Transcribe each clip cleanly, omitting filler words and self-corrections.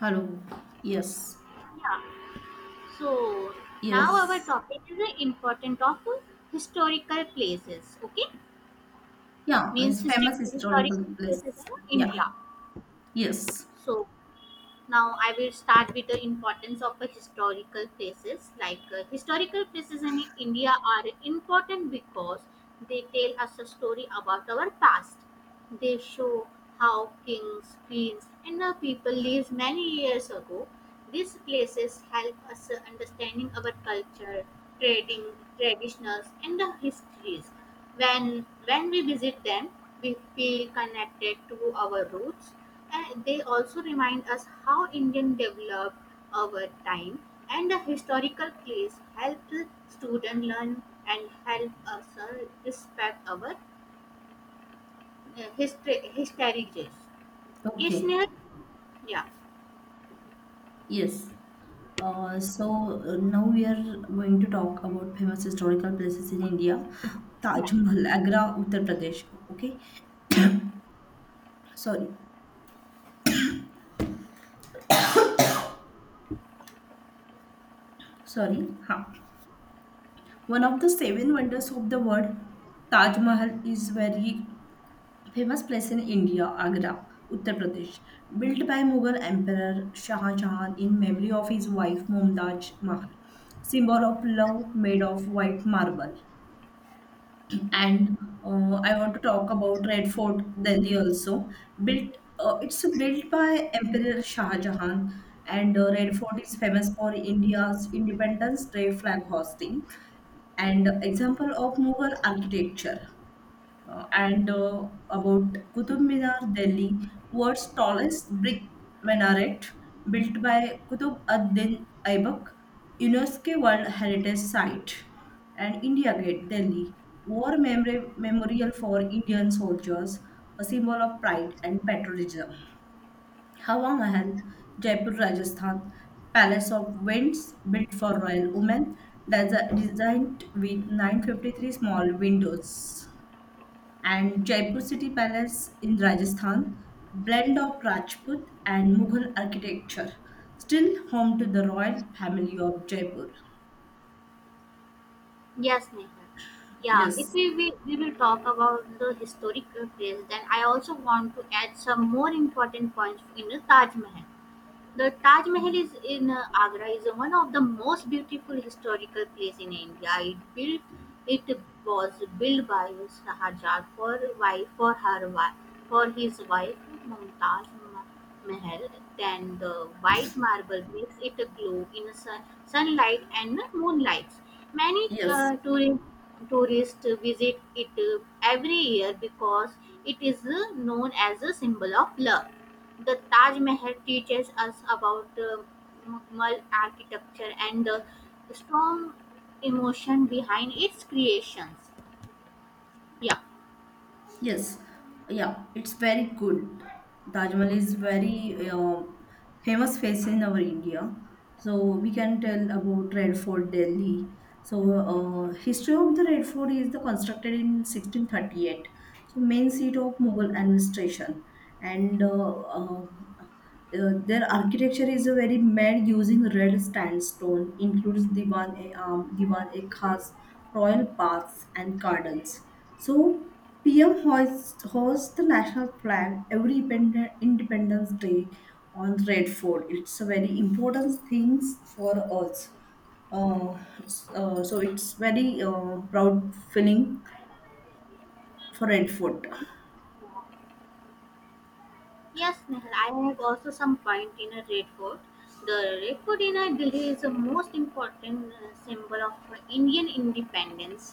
Hello. Yes. Yeah. So now our Yes. topic is the importance of historical places. Okay, Yeah, it's means famous historical historical place. places in Yeah. India. Yes. So now I will start with the importance of the historical places. Like historical places in India are important because they tell us a story about our past. They show how kings, queens, and the people lived many years ago. These places help us understanding our culture, trading, traditions, and the histories. When we visit them, we feel connected to our roots, and they also remind us how Indian developed over time. And the historical place help students learn and help us respect our yeah, hysteric race. Okay, Okay. Sneha? Yeah. Yes. Now we are going to talk about famous historical places in India. Yeah. Taj Mahal, Agra, Uttar Pradesh. Okay. Sorry. Sorry. Ha. One of the seven wonders of the world, Taj Mahal is very famous place in India, Agra, Uttar Pradesh, built by Mughal Emperor Shah Jahan in memory of his wife Mumtaz Mahal. Symbol of love made of white marble. And I want to talk about Red Fort, Delhi also. Built, it's built by Emperor Shah Jahan, and Red Fort is famous for India's Independence Day flag hosting and example of Mughal architecture. And About Qutub Minar, Delhi, world's tallest brick minaret built by Qutub ad-Din Aibak, UNESCO World Heritage Site, and India Gate, Delhi, memorial for Indian soldiers, a symbol of pride and patriotism. Hawa Mahal, Jaipur, Rajasthan, Palace of Winds built for royal women, that's designed with 953 small windows, and Jaipur City Palace in Rajasthan, blend of Rajput and Mughal architecture, still home to the royal family of Jaipur. Yes, Neha. Yeah, if Yes, we will talk about the historical place, then I also want to add some more important points in the Taj Mahal. The Taj Mahal is in Agra is one of the most beautiful historical place in India. It was built by Shahjahan for wife for her wife for his wife Mumtaz Ma- Mahal. Then the white marble makes it glow in sunlight and moonlight. Many yes. uh, tourists visit it every year because it is known as a symbol of love. The Taj Mahal teaches us about Mughal architecture and the strong emotion behind its creations. Yeah. Yes, yeah, it's very good. Taj Mahal is very famous face in our India. So we can tell about Red Fort, Delhi. So history of the Red Fort is the constructed in 1638. So main seat of Mughal administration, and their architecture is a very mad using red sandstone. Includes Diwan-e-Am, Diwan-e-Khas, royal paths and gardens. So PM hoists, hosts hosts the national flag every Independence Day on Red Fort. It's a very important thing for us. Uh, so it's very proud feeling for Red Fort. Yes, Nehal, I have also some point in a Red Fort. The Red Fort in a Delhi is the most important symbol of Indian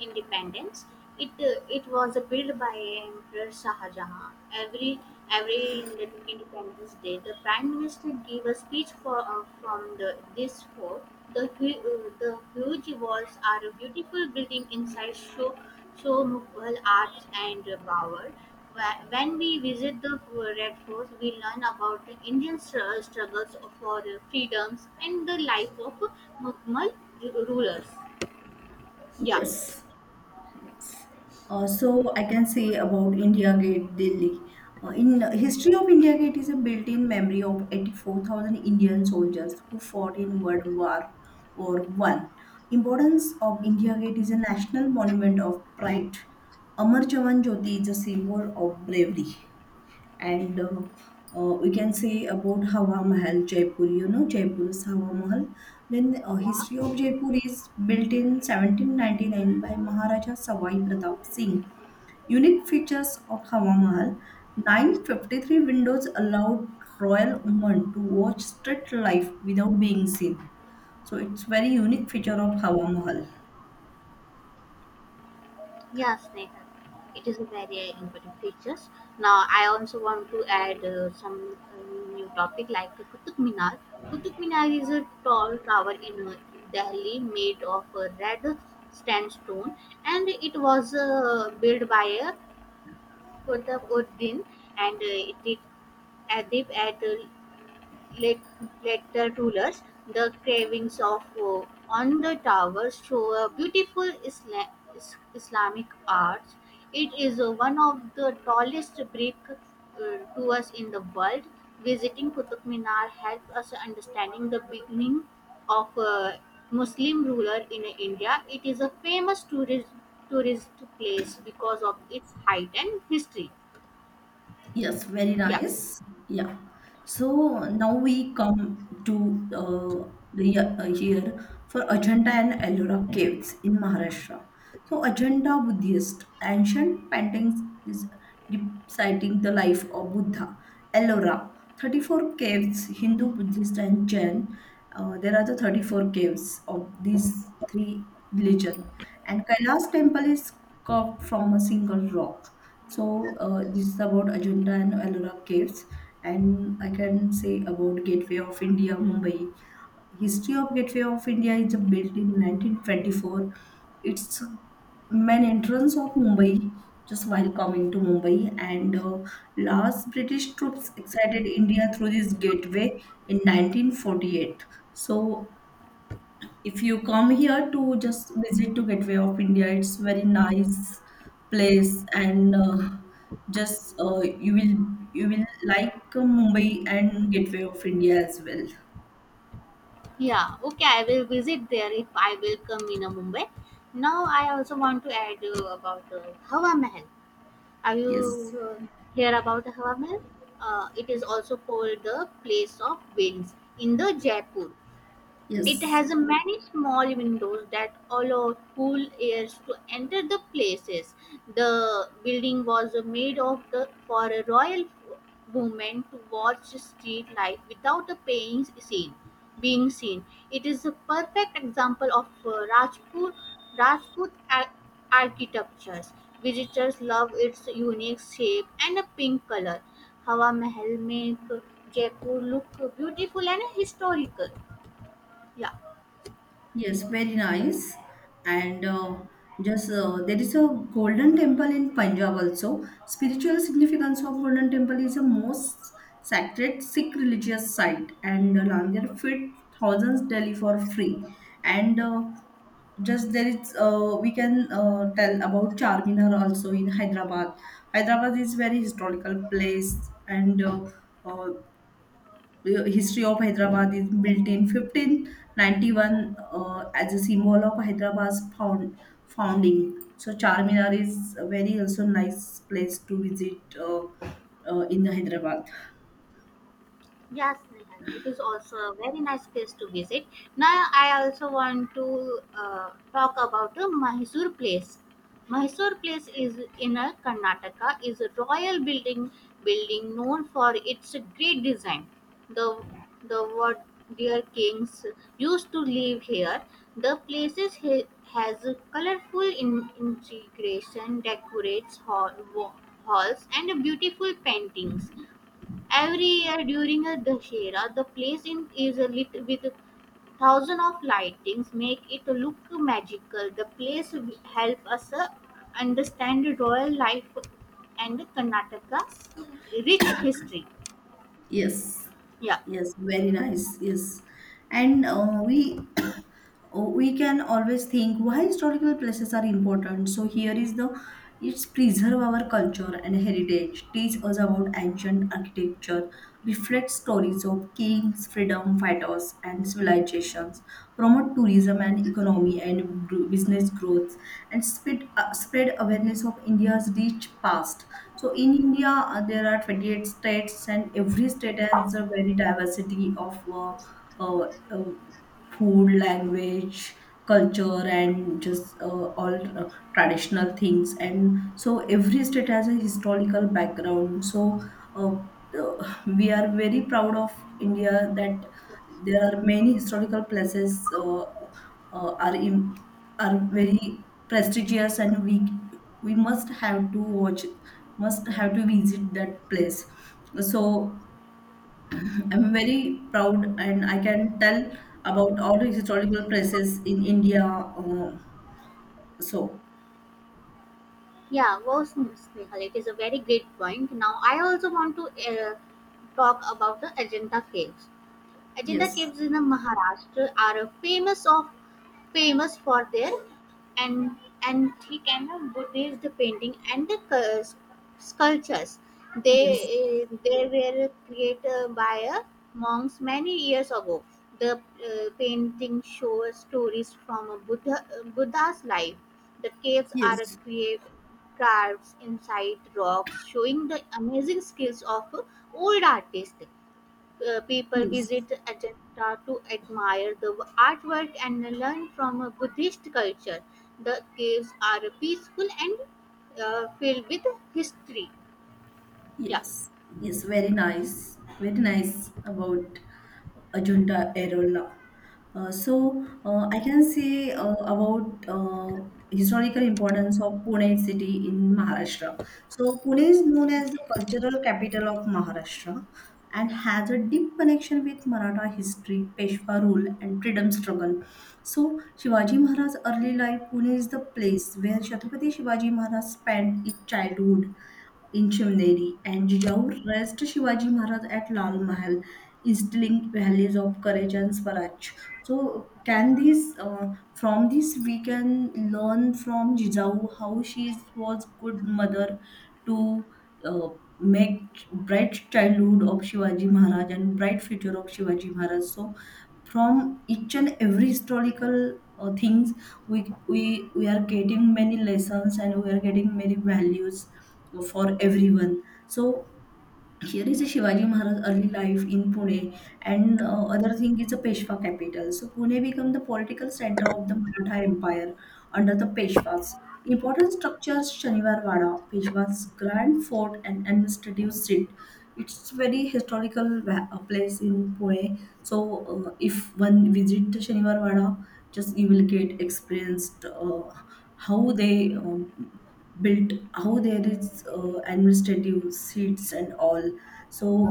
independence. It was built by Emperor Shah Jahan. Every every Independence Day, the Prime Minister gave a speech for, from the this fort. The huge walls are a beautiful building inside show Mughal arts and power. When we visit the Red Fort, we learn about the Indian struggles for freedoms and the life of Mughal rulers. Yeah, Yes. Yes. Also, I can say about India Gate, Delhi. In history of India Gate is a built-in memory of 84,000 Indian soldiers who fought in World War or One. Importance of India Gate is a national monument of pride. Amar Jawan Jyoti is a symbol of bravery, and we can say about Hawa Mahal, Jaipur. You know, Jaipur's Hawa Mahal. Yeah. History of Jaipur is built in 1799 by Maharaja Sawai Pratap Singh. Unique features of Hawa Mahal: 953 windows allowed royal women to watch street life without being seen. So, it's very unique feature of Hawa Mahal. Yes, Neha, it is a very important features. Now, I also want to add some new topic like Qutub Minar. Qutub Minar is a tall tower in Delhi made of red sandstone, and it was built by Qutbuddin, and it Adib at the lat- later rulers, the carvings of on the towers show a beautiful Islamic art. It is one of the tallest brick towers in the world. Visiting Qutub Minar helps us understanding the beginning of Muslim ruler in India. It is a famous tourist place because of its height and history. Yes, very Yeah. nice. Yeah. So now we come to the year for Ajanta and Ellora caves in Maharashtra. So Ajanta Buddhist ancient paintings is depicting the life of Buddha. Ellora, 34 caves, Hindu, Buddhist and Jain. There are the 34 caves of these three religion and Kailash temple is carved from a single rock. So this is about Ajanta and Ellora caves, and I can say about Gateway of India, Mumbai. History of Gateway of India is built in 1924. It's main entrance of Mumbai. Just while coming to Mumbai, and last British troops exited India through this gateway in 1948. So if you come here to just visit to Gateway of India, it's very nice place, and just you will like Mumbai and Gateway of India as well. Yeah, okay, I will visit there if I will come in Mumbai. Now, I also want to add about Hawa Mahal. Are you Yes, hear about the Hawa Mahal? It is also called the place of winds in the Jaipur. It yes. has many small windows that allow cool airs to enter the places. The building was made of the for a royal woman to watch street life without being seen. It is a perfect example of uh, Rajput architectures. Visitors love its unique shape and a pink color. Hawa Mahal make Jaipur look beautiful and historical. Yeah. Yes, very nice. And just There is a golden temple in Punjab also. Spiritual significance of golden temple is the most sacred Sikh religious site, and Langar fit thousands Delhi for free. And just There is we can tell about Charminar also in Hyderabad. Hyderabad is very historical place and. uh, history of Hyderabad is built in 1591 as a symbol of founding. So Charminar is a very also nice place to visit in Hyderabad. Yes, Nihal, it is also a very nice place to visit. Now, I also want to talk about the Mysore place. Mysore place is in a Karnataka, is a royal building known for its great design. The the what dear kings used to live here. The places has a colorful integration, decorates halls, and beautiful paintings. Every year during a Dashera, is lit with thousands of lightings, make it look magical. The place will help us understand royal life and Karnataka's rich history. Yes, Yeah. yes, very nice. Yes, and uh, we Oh, we can always think why historical places are important. So here is the it's preserve our culture and heritage, teach us about ancient architecture, reflect stories of kings, freedom fighters, and civilizations, promote tourism and economy and business growth, and spread awareness of India's rich past. So in India, there are 28 states, and every state has a very diversity of uh, uh, food, language, culture, and just all traditional things. And so every state has a historical background. So uh, we are very proud of India that there are many historical places uh, are im are very prestigious, and we must have to watch, must have to visit that place. So I'm very proud, and I can tell about all the historical places in India. So Yeah, was Snehal. It is a very great point. Now, I also want to uh, talk about the Ajanta Caves. Ajanta yes, Caves in the Maharashtra are famous for their an- antique and Buddhist painting and the sculptures. yes, They were created by monks many years ago. The painting shows stories from a Buddha's life. The caves are yes, create carved inside rocks, showing the amazing skills of old artists people yes. visit Ajanta to admire the artwork and learn from a Buddhist culture. The caves are peaceful and filled with history. Yeah, Yes, yes, very nice about Ajunta Arola. I can say about historical importance of Pune city in Maharashtra. So Pune is known as the cultural capital of Maharashtra and has a deep connection with Maratha history, Peshwa rule, and freedom struggle. So Shivaji Maharaj's early life, Pune is the place where Chhatrapati Shivaji Maharaj spent his childhood. Inchimneri and Jijaur raised Shivaji Maharaj at Lal Mahal, instilling values of courage and swaraj. So, can this from this we can learn from Jijaur how she was good mother to uh, make bright childhood of Shivaji Maharaj and bright future of Shivaji Maharaj. So, from each and every historical things we are getting many lessons and we are getting many values for everyone, so here is a Shivaji Maharaj early life in Pune, and other thing is a Peshwa capital. So Pune became the political center of the Maratha Empire under the Peshwas. Important structures: Shaniwar Wada, Peshwa's grand fort and administrative seat. It's very historical place in Pune. So if one visit the Shaniwar Wada, just you will get experienced how they built, how there is administrative seats and all, so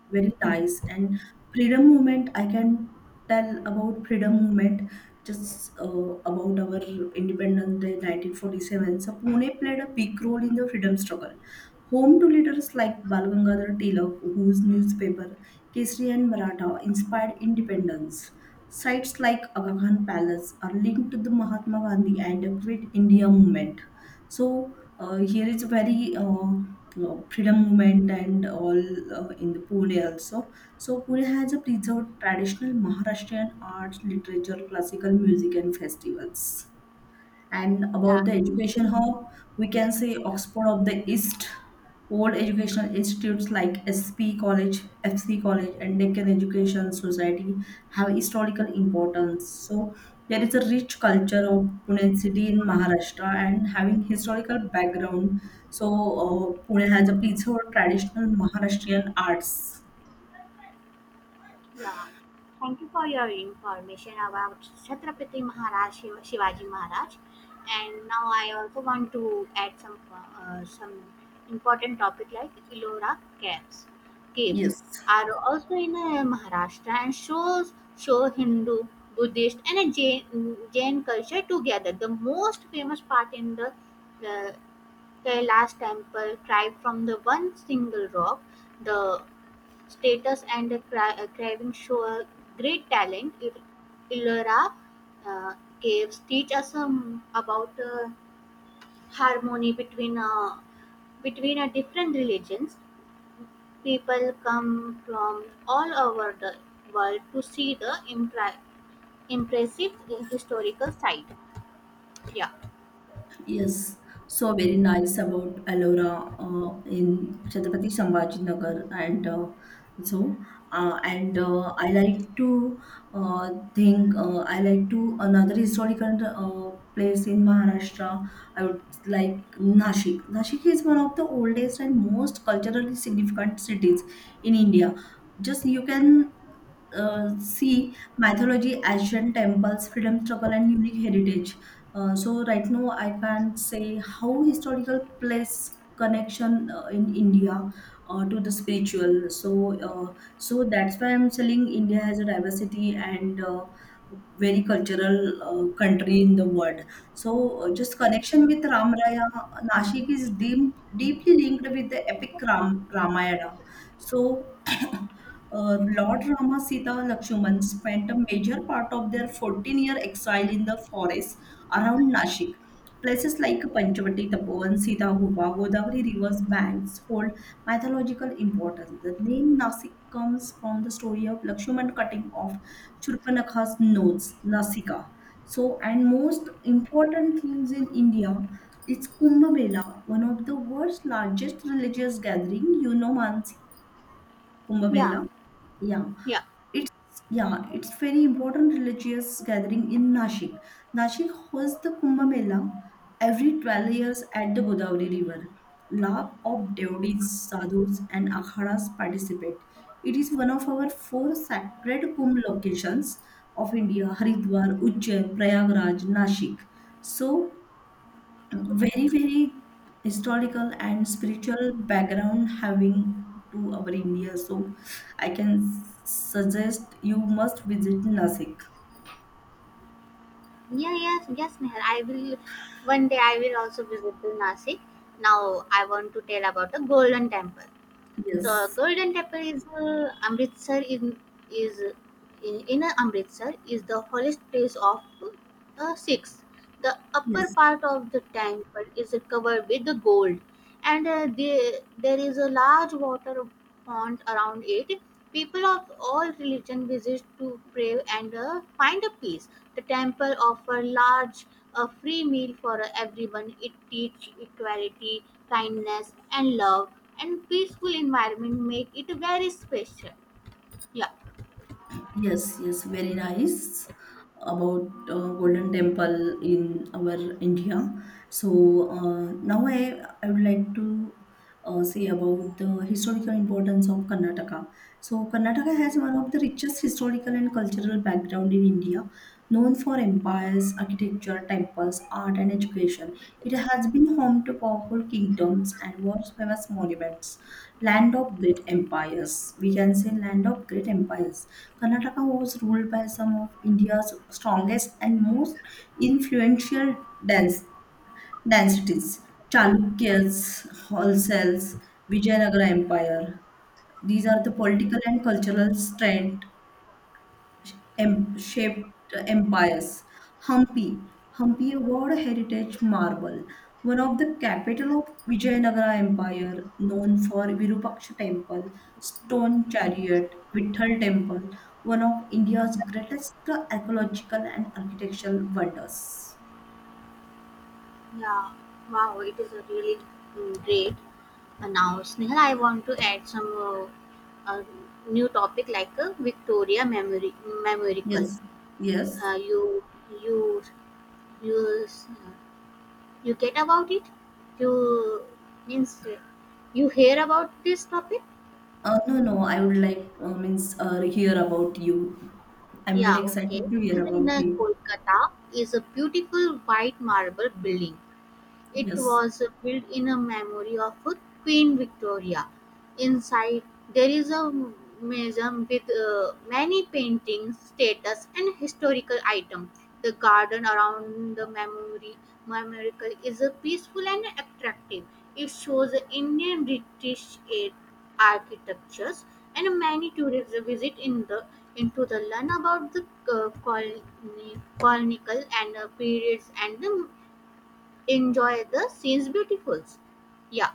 very nice. And freedom movement, I can tell about freedom movement just about our Independence Day 1947. So Pune played a big role in the freedom struggle. Home to leaders like Bal Gangadhar Tilak, whose newspaper Kesari and Maratha inspired independence. Sites like Aga Khan Palace are linked to the Mahatma Gandhi and the Quit India movement. So here it's very you freedom movement and all in the Pune also. So Pune has a preserved traditional Maharashtrian arts, literature, classical music, and festivals. And about yeah, the education hub, we can say yeah. Oxford of the East, old educational institutes like SP College, FC College, and Deccan Education Society have historical importance. So there is a rich culture of Pune city in Maharashtra and having historical background. So Pune has a piece of traditional Maharashtrian arts. Yeah. Thank you for your information about Chhatrapati Maharaj Shivaji Maharaj. And now I also want to add some important topic like Ellora caves. Caves Yes. are also in Maharashtra and show Hindu, Buddhist, and Jain culture together. The most famous part in the Kailash temple, carved from the one single rock, the status and craving show a great talent. Ilora uh, caves teach us about harmony between different religions. People come from all over the world to see the impressive historical site. Yeah, Yes, so very nice about Ellora in Chhatrapati Sambhajinagar, and so and I like to think I like to another historical place in Maharashtra. I would like Nashik. Nashik is one of the oldest and most culturally significant cities in India. Just you can see mythology, ancient temples, freedom struggle, and unique heritage. So right now, I can't say how historical place connection in India to the spiritual. So so that's why I'm saying India has a diversity and very cultural country in the world. So just connection with Ram Raya, Nashik is deeply linked with the epic Ramayana. So Lord Rama Sita Lakshman spent a major part of their 14-year exile in the forests around Nashik. Places like Panchavati Tapovan, Sita Gupa, Godavari River's banks hold mythological importance. The name Nasik comes from the story of Lakshman cutting off Churpanakha's nose, Nasika. So, and most important things in India, it's Kumbh Mela, one of the world's largest religious gathering. You know, Mansi, Kumbh yeah, Mela. Yeah, yeah, it's yeah, it's very important religious gathering in Nashik. Nashik hosts the Kumbh Mela every 12 years at the Godavari River. Lakh of devotees, sadhus, and akharas participate. It is one of our four sacred Kumbh locations of India: Haridwar, Ujjain, Prayagraj, Nashik. So very very historical and spiritual background having to our India, so I can suggest you must visit Nasik. yeah, yes, yes, Meher. I will one day I will also visit to Nasik. Now I want to tell about the Golden Temple. The Yes, Golden Temple is Amritsar in is in inner Amritsar is the holiest place of the Sikhs. The upper yes. part of the temple is covered with the gold, and there is a large water pond around it. People of all religion visit to pray and find a peace. The temple offer large a free meal for everyone. It teach equality, kindness, and love. And peaceful environment make it very special. Yeah, Yes, yes, very nice about Golden Temple in our India. So now I would like to say about the historical importance of Karnataka. So Karnataka has one of the richest historical and cultural background in India. Known for empires, architecture, temples, art, and education, it has been home to powerful kingdoms and world-famous monuments. Land of great empires. We can say land of great empires. Karnataka was ruled by some of India's strongest and most influential dance densities. Chalukyas, Holsels, Vijayanagara Empire. These are the political and cultural strength shaped empires. Hampi. Hampi World Heritage Marble, one of the capital of Vijayanagara Empire, known for Virupaksha Temple, Stone Chariot, Vithal Temple, one of India's greatest archaeological and architectural wonders. yeah. Wow, it is a really great. And now, Snehal, I want to add some uh, uh, new topic like uh, Memorial. Yes, yes. You you you you get about it you means you hear about this topic? No, no, I would like means hear about you. I'm very Yeah okay, excited to it hear is in about you. Kolkata, is a beautiful white marble building. It Yes. was built in a memory of Queen Victoria. Inside there is a museum with many paintings, statues, and historical items. The garden around the memory memorial is peaceful and attractive. It shows Indian British age architectures and many tourists visit in the into the learn about the uh, colony, colonial and periods and the enjoy the scenes beautifuls. Yeah,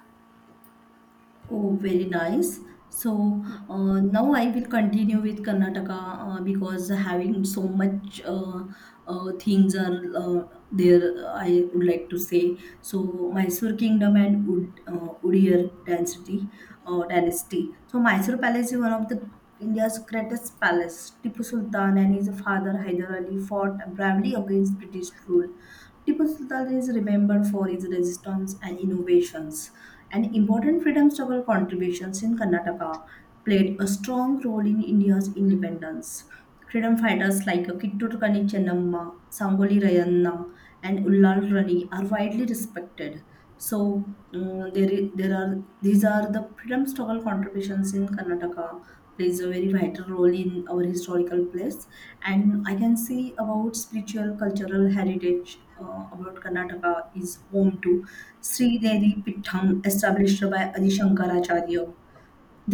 Oh, very nice. So now I will continue with Karnataka because having so much things are there. I would like to say so Mysore Kingdom and Ud Udayar dynasty. So Mysore Palace is one of the India's greatest palace. Tipu Sultan and his father Hyder Ali fought bravely against British rule. Tipu Sultan is remembered for his resistance and innovations, and important freedom struggle contributions in Karnataka played a strong role in India's independence. Freedom fighters like Kittur Kani Chennamma, Sangoli Rayanna, and Ullal Rani are widely respected. So there are these are the freedom struggle contributions in Karnataka, plays a very vital role in our historical place. And I can say about spiritual cultural heritage about Karnataka is home to Sri Devi Pitham established by Adi Shankaracharya,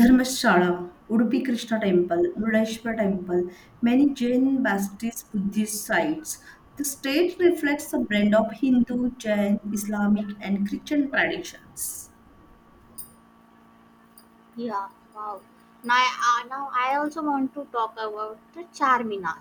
Dharmashala, Udupi Krishna Temple, Rudeshwar Temple, many Jain Baptist Buddhist sites. The state reflects a blend of Hindu, Jain, Islamic and Christian traditions. yeah. Wow. Now, now I also want to talk about the charmina.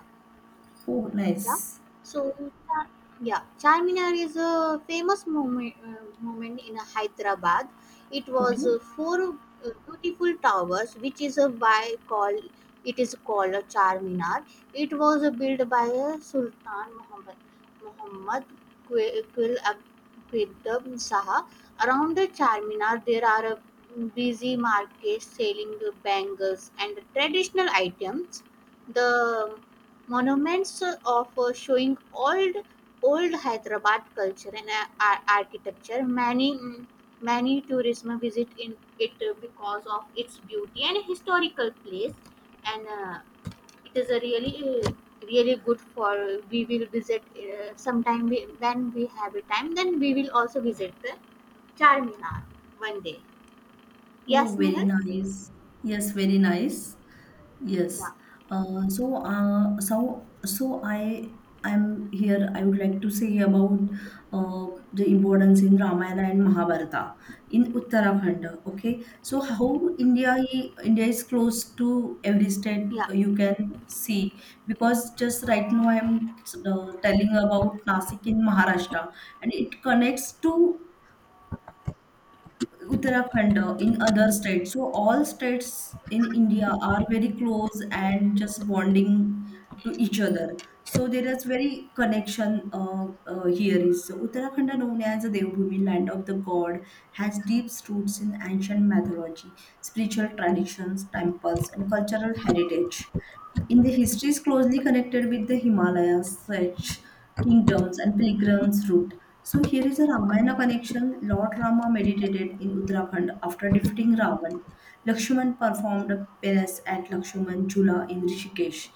Oh, Yeah. nice. So, Cha- yeah, Charminar is a famous moment in Hyderabad. It was Okay. Four uh, beautiful towers, which is a by call. It is called a Charminar. It was built by Sultan Muhammad Qul Abdul Shah. Around the Charminar, there are busy markets selling bangles and traditional items. The Monuments of showing old Hyderabad culture and architecture. Many many tourism visit in it because of its beauty and historical place, and it is a really really good for we will visit sometime when we have a time. Then we will also visit the Charminar one day. Oh, Yes, very Nihal. nice. Yes, very nice. Yes. Yeah, So I I'm here. I would like to say about uh, the importance in Ramayana and Mahabharata in Uttarakhand. Okay. So how India is close to every state, yeah. You can see, because just right now I'm telling about Nasik in Maharashtra and it connects to Uttarakhand, in other states. So all states in India are very close and just bonding to each other. So there is very connection here is. So Uttarakhand, known as the Devbhoomi, land of the god, has deep roots in ancient mythology, spiritual traditions, temples, and cultural heritage. In the history is closely connected with the Himalayas, such kingdoms and pilgrims route. So here is a Ramayana connection. Lord Rama meditated in Uttarakhand after defeating Ravan. Lakshman performed a penance at Lakshman Jula in Rishikesh.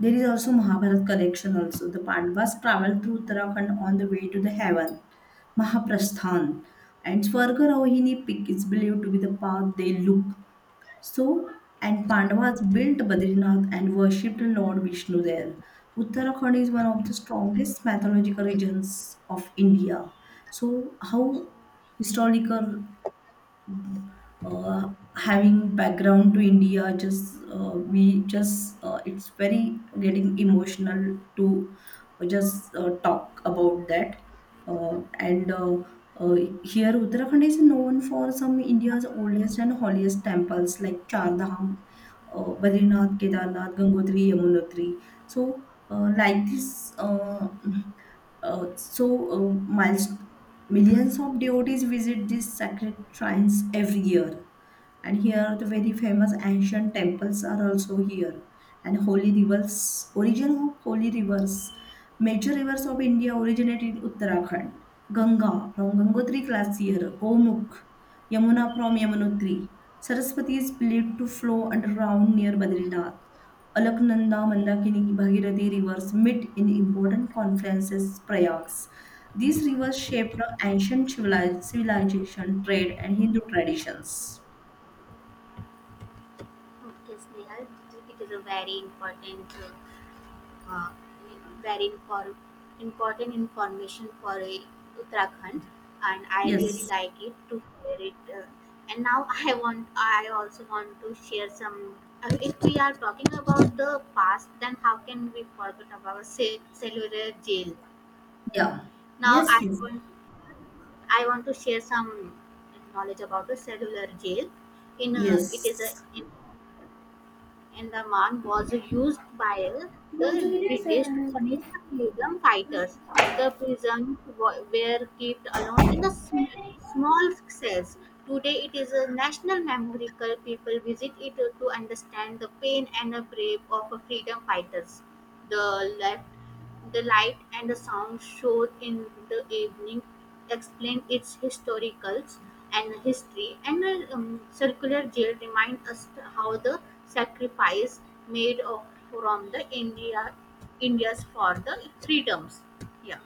There is also Mahabharat connection also. The Pandavas traveled through Uttarakhand on the way to the heaven. Mahaprasthan. And Swarga Rohini peak is believed to be the path they look, so, and Pandavas built Badrinath and worshipped Lord Vishnu there. Uttarakhand is one of the strongest mythological regions of India. So, how historical uh, having background to India, just we just it's very getting emotional to just talk about that. And uh, Here Uttarakhand is known for some India's oldest and holiest temples like Char Dham, Badrinath, Kedarnath, Gangotri, Yamunotri. So like this. Uh, so uh, miles, Millions of devotees visit these sacred shrines every year, and here the very famous ancient temples are also here, and holy rivers, origin of holy rivers. Major rivers of India originate in Uttarakhand. Ganga from Gangotri class here Gomukh, Yamuna from Yamunotri, Saraswati is believed to flow underground near Badrinath. Alaknanda, Mandakini, Bhagirathi rivers meet in important confluences, Prayags. These rivers shaped the civilization, trade, and Hindu traditions. Okay, Snehal, it is a very important uh, very infor- important information for Uttarakhand, and I really Yes. like it to hear it. And now I also want to share some. If we are talking about the past, then how can we forget about cellular jail? Yeah. Now Yes, I want to share some knowledge about the cellular jail. In it is a yes. in and the man was used by the British to Yes. punish the freedom fighters. The prisoners were kept alone in the small cells. Today, it is a national memorial. People visit it to understand the pain and the brave of freedom fighters. The life the light and the sound show in the evening explain its historicals and history, and the circular jail remind us how the sacrifice made of, from the Indians for the freedoms. Yeah.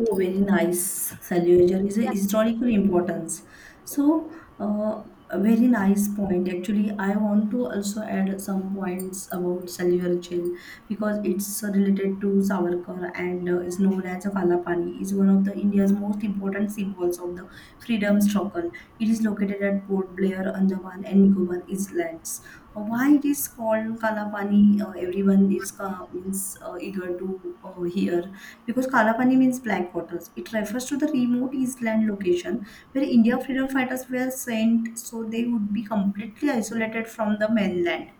Oh, very nice. Salutary is a Yes, historical importance. So, uh, a very nice point. Actually, I want to also add some points about Salutary because it's related to Savarkar and is known as a Kalapani. Is one of the India's most important symbols of the freedom struggle. It is located at Port Blair, Andaman and Nicobar Islands. Why it is called Kalapani? Everyone is means eager to hear, because Kalapani means black waters. It refers to the remote eastland location where India freedom fighters were sent so they would be completely isolated from the mainland.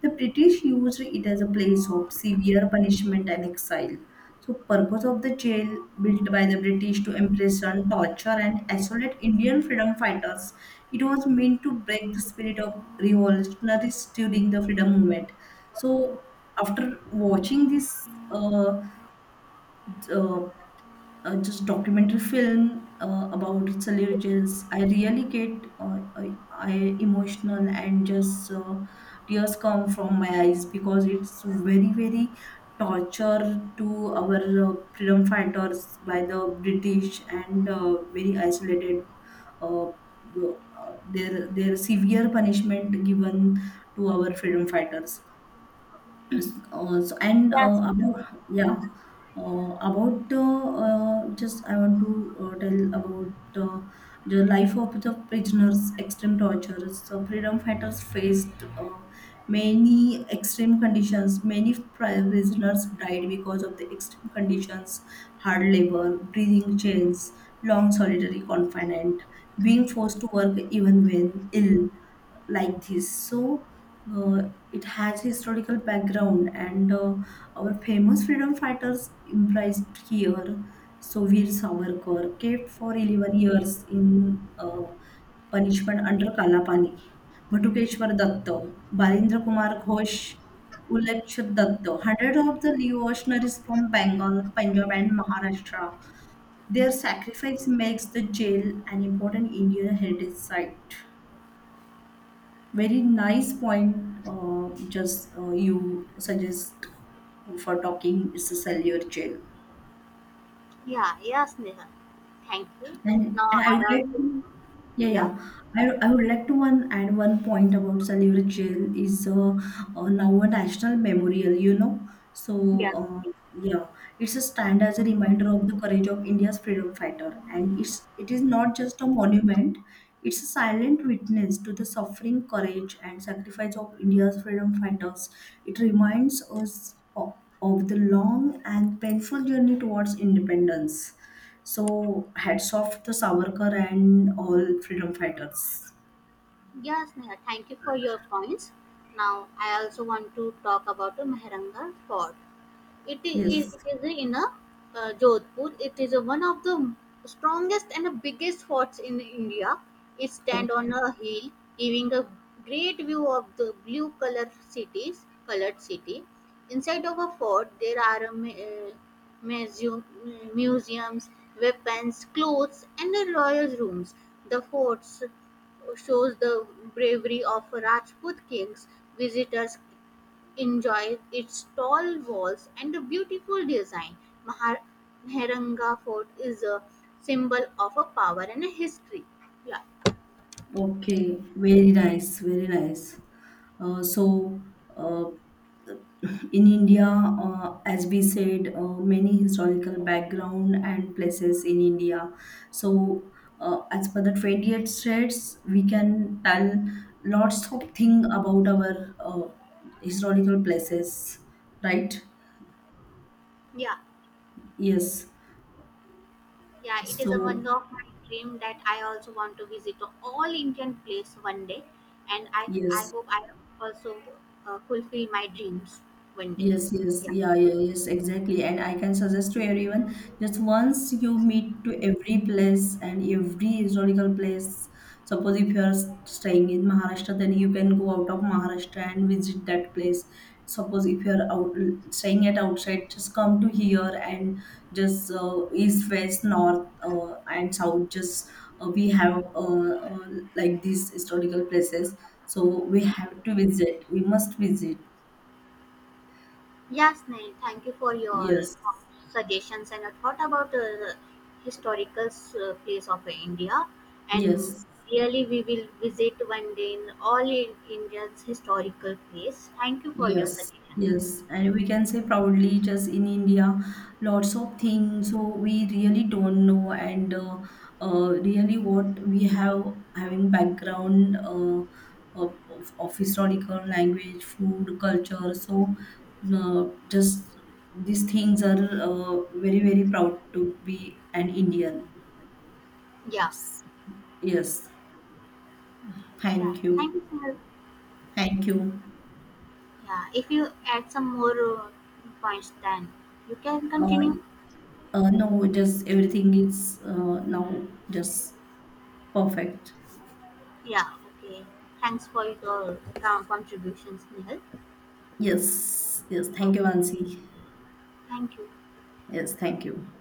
The British used it as a place of severe punishment and exile. So purpose of the jail built by the British to imprison, torture and isolate Indian freedom fighters. It was meant to break the spirit of revolutionaries during the freedom movement. So after watching this uh, just documentary film about Italy, I really get I emotional and just tears come from my eyes, because it's very very torture to our freedom fighters by the British and very isolated. Their severe punishment given to our freedom fighters, so, and yes, Neha. about yeah, about the just I want to tell about the life of the prisoners, extreme tortures, so freedom fighters faced. Many extreme conditions, many prisoners died because of the extreme conditions, hard labor, breathing chains, long solitary confinement, being forced to work even when ill, like this. So it has historical background, and our famous freedom fighters imprisoned here. So Veer Savarkar kept for 11 years in punishment under Kalapani. Bhatukeshwar Datta, Barendra Kumar Ghosh, Ulakshit Datta. Hundreds of the revolutionaries from Bengal, Punjab, and Maharashtra. Their sacrifice makes the jail an important Indian heritage site. Very nice point, just you suggest for talking. It's a cellular jail. Yeah, yes, Neha. Thank you. And Now I would I like also to, yeah, yeah. yeah. I would like to one add one point about Salivary Jail is now a national memorial, you know. So, Yeah. Yeah, it's a stand as a reminder of the courage of India's freedom fighter. And it is not just a monument, it's a silent witness to the suffering, courage, and sacrifice of India's freedom fighters. It reminds us of the long and painful journey towards independence. So hats off to Savarkar and all freedom fighters. Yes, Neha, thank you for your points. Now I also want to talk about the Mehranga fort. It is, it Yes. is in a Jodhpur. It is one of the strongest and biggest forts in India. It stands Okay. on a hill, giving a great view of the blue color colored city. Inside of a fort, there are museum, museums, weapons, clothes, and the royal rooms. The forts shows the bravery of Rajput kings. Visitors enjoy its tall walls and the beautiful design. Mahar- Mehranga Fort is a symbol of a power and a history. Yeah, Okay. Very nice. Very nice. Uh, so uh, in India, as we said, many historical background and places in India. So as per the 28 states, we can tell lots of thing about our historical places, right? yeah, Yes. yeah, it is a one So of my dream that I also want to visit a all Indian place one day, and I yes. hope I also fulfill my dreams one day. Yes, yes, Yeah. yeah, yeah, yes, exactly. And I can suggest to everyone just once you meet to every place and every historical place. Suppose if you are staying in Maharashtra, then you can go out of Maharashtra and visit that place. Suppose if you are out staying at outside, just come to here and just east, west, north, and south. Just we have uh, like these historical places, so we have to visit. We must visit. Yes, Nain, thank you for your Yes. suggestions and a thought about historical place of India. And Yes, really, we will visit one day in all in India's historical place. Thank you for your yes, suggestions. yes. And we can say proudly, just in India, lots of things. So we really don't know, and really what we have having background of, of historical language, food, culture. So just these things are very, very proud to be an Indian. Yeah, Yes. yeah. Thank Thank you. you, sir. Thank you. Yeah, if you add some more points, then you can Uh, continue. No, just everything is now just perfect. Yeah, okay. Thanks for your contributions, Nihal. Yes, yes. Okay, Thank you, Ansi. thank you. Yes, thank you.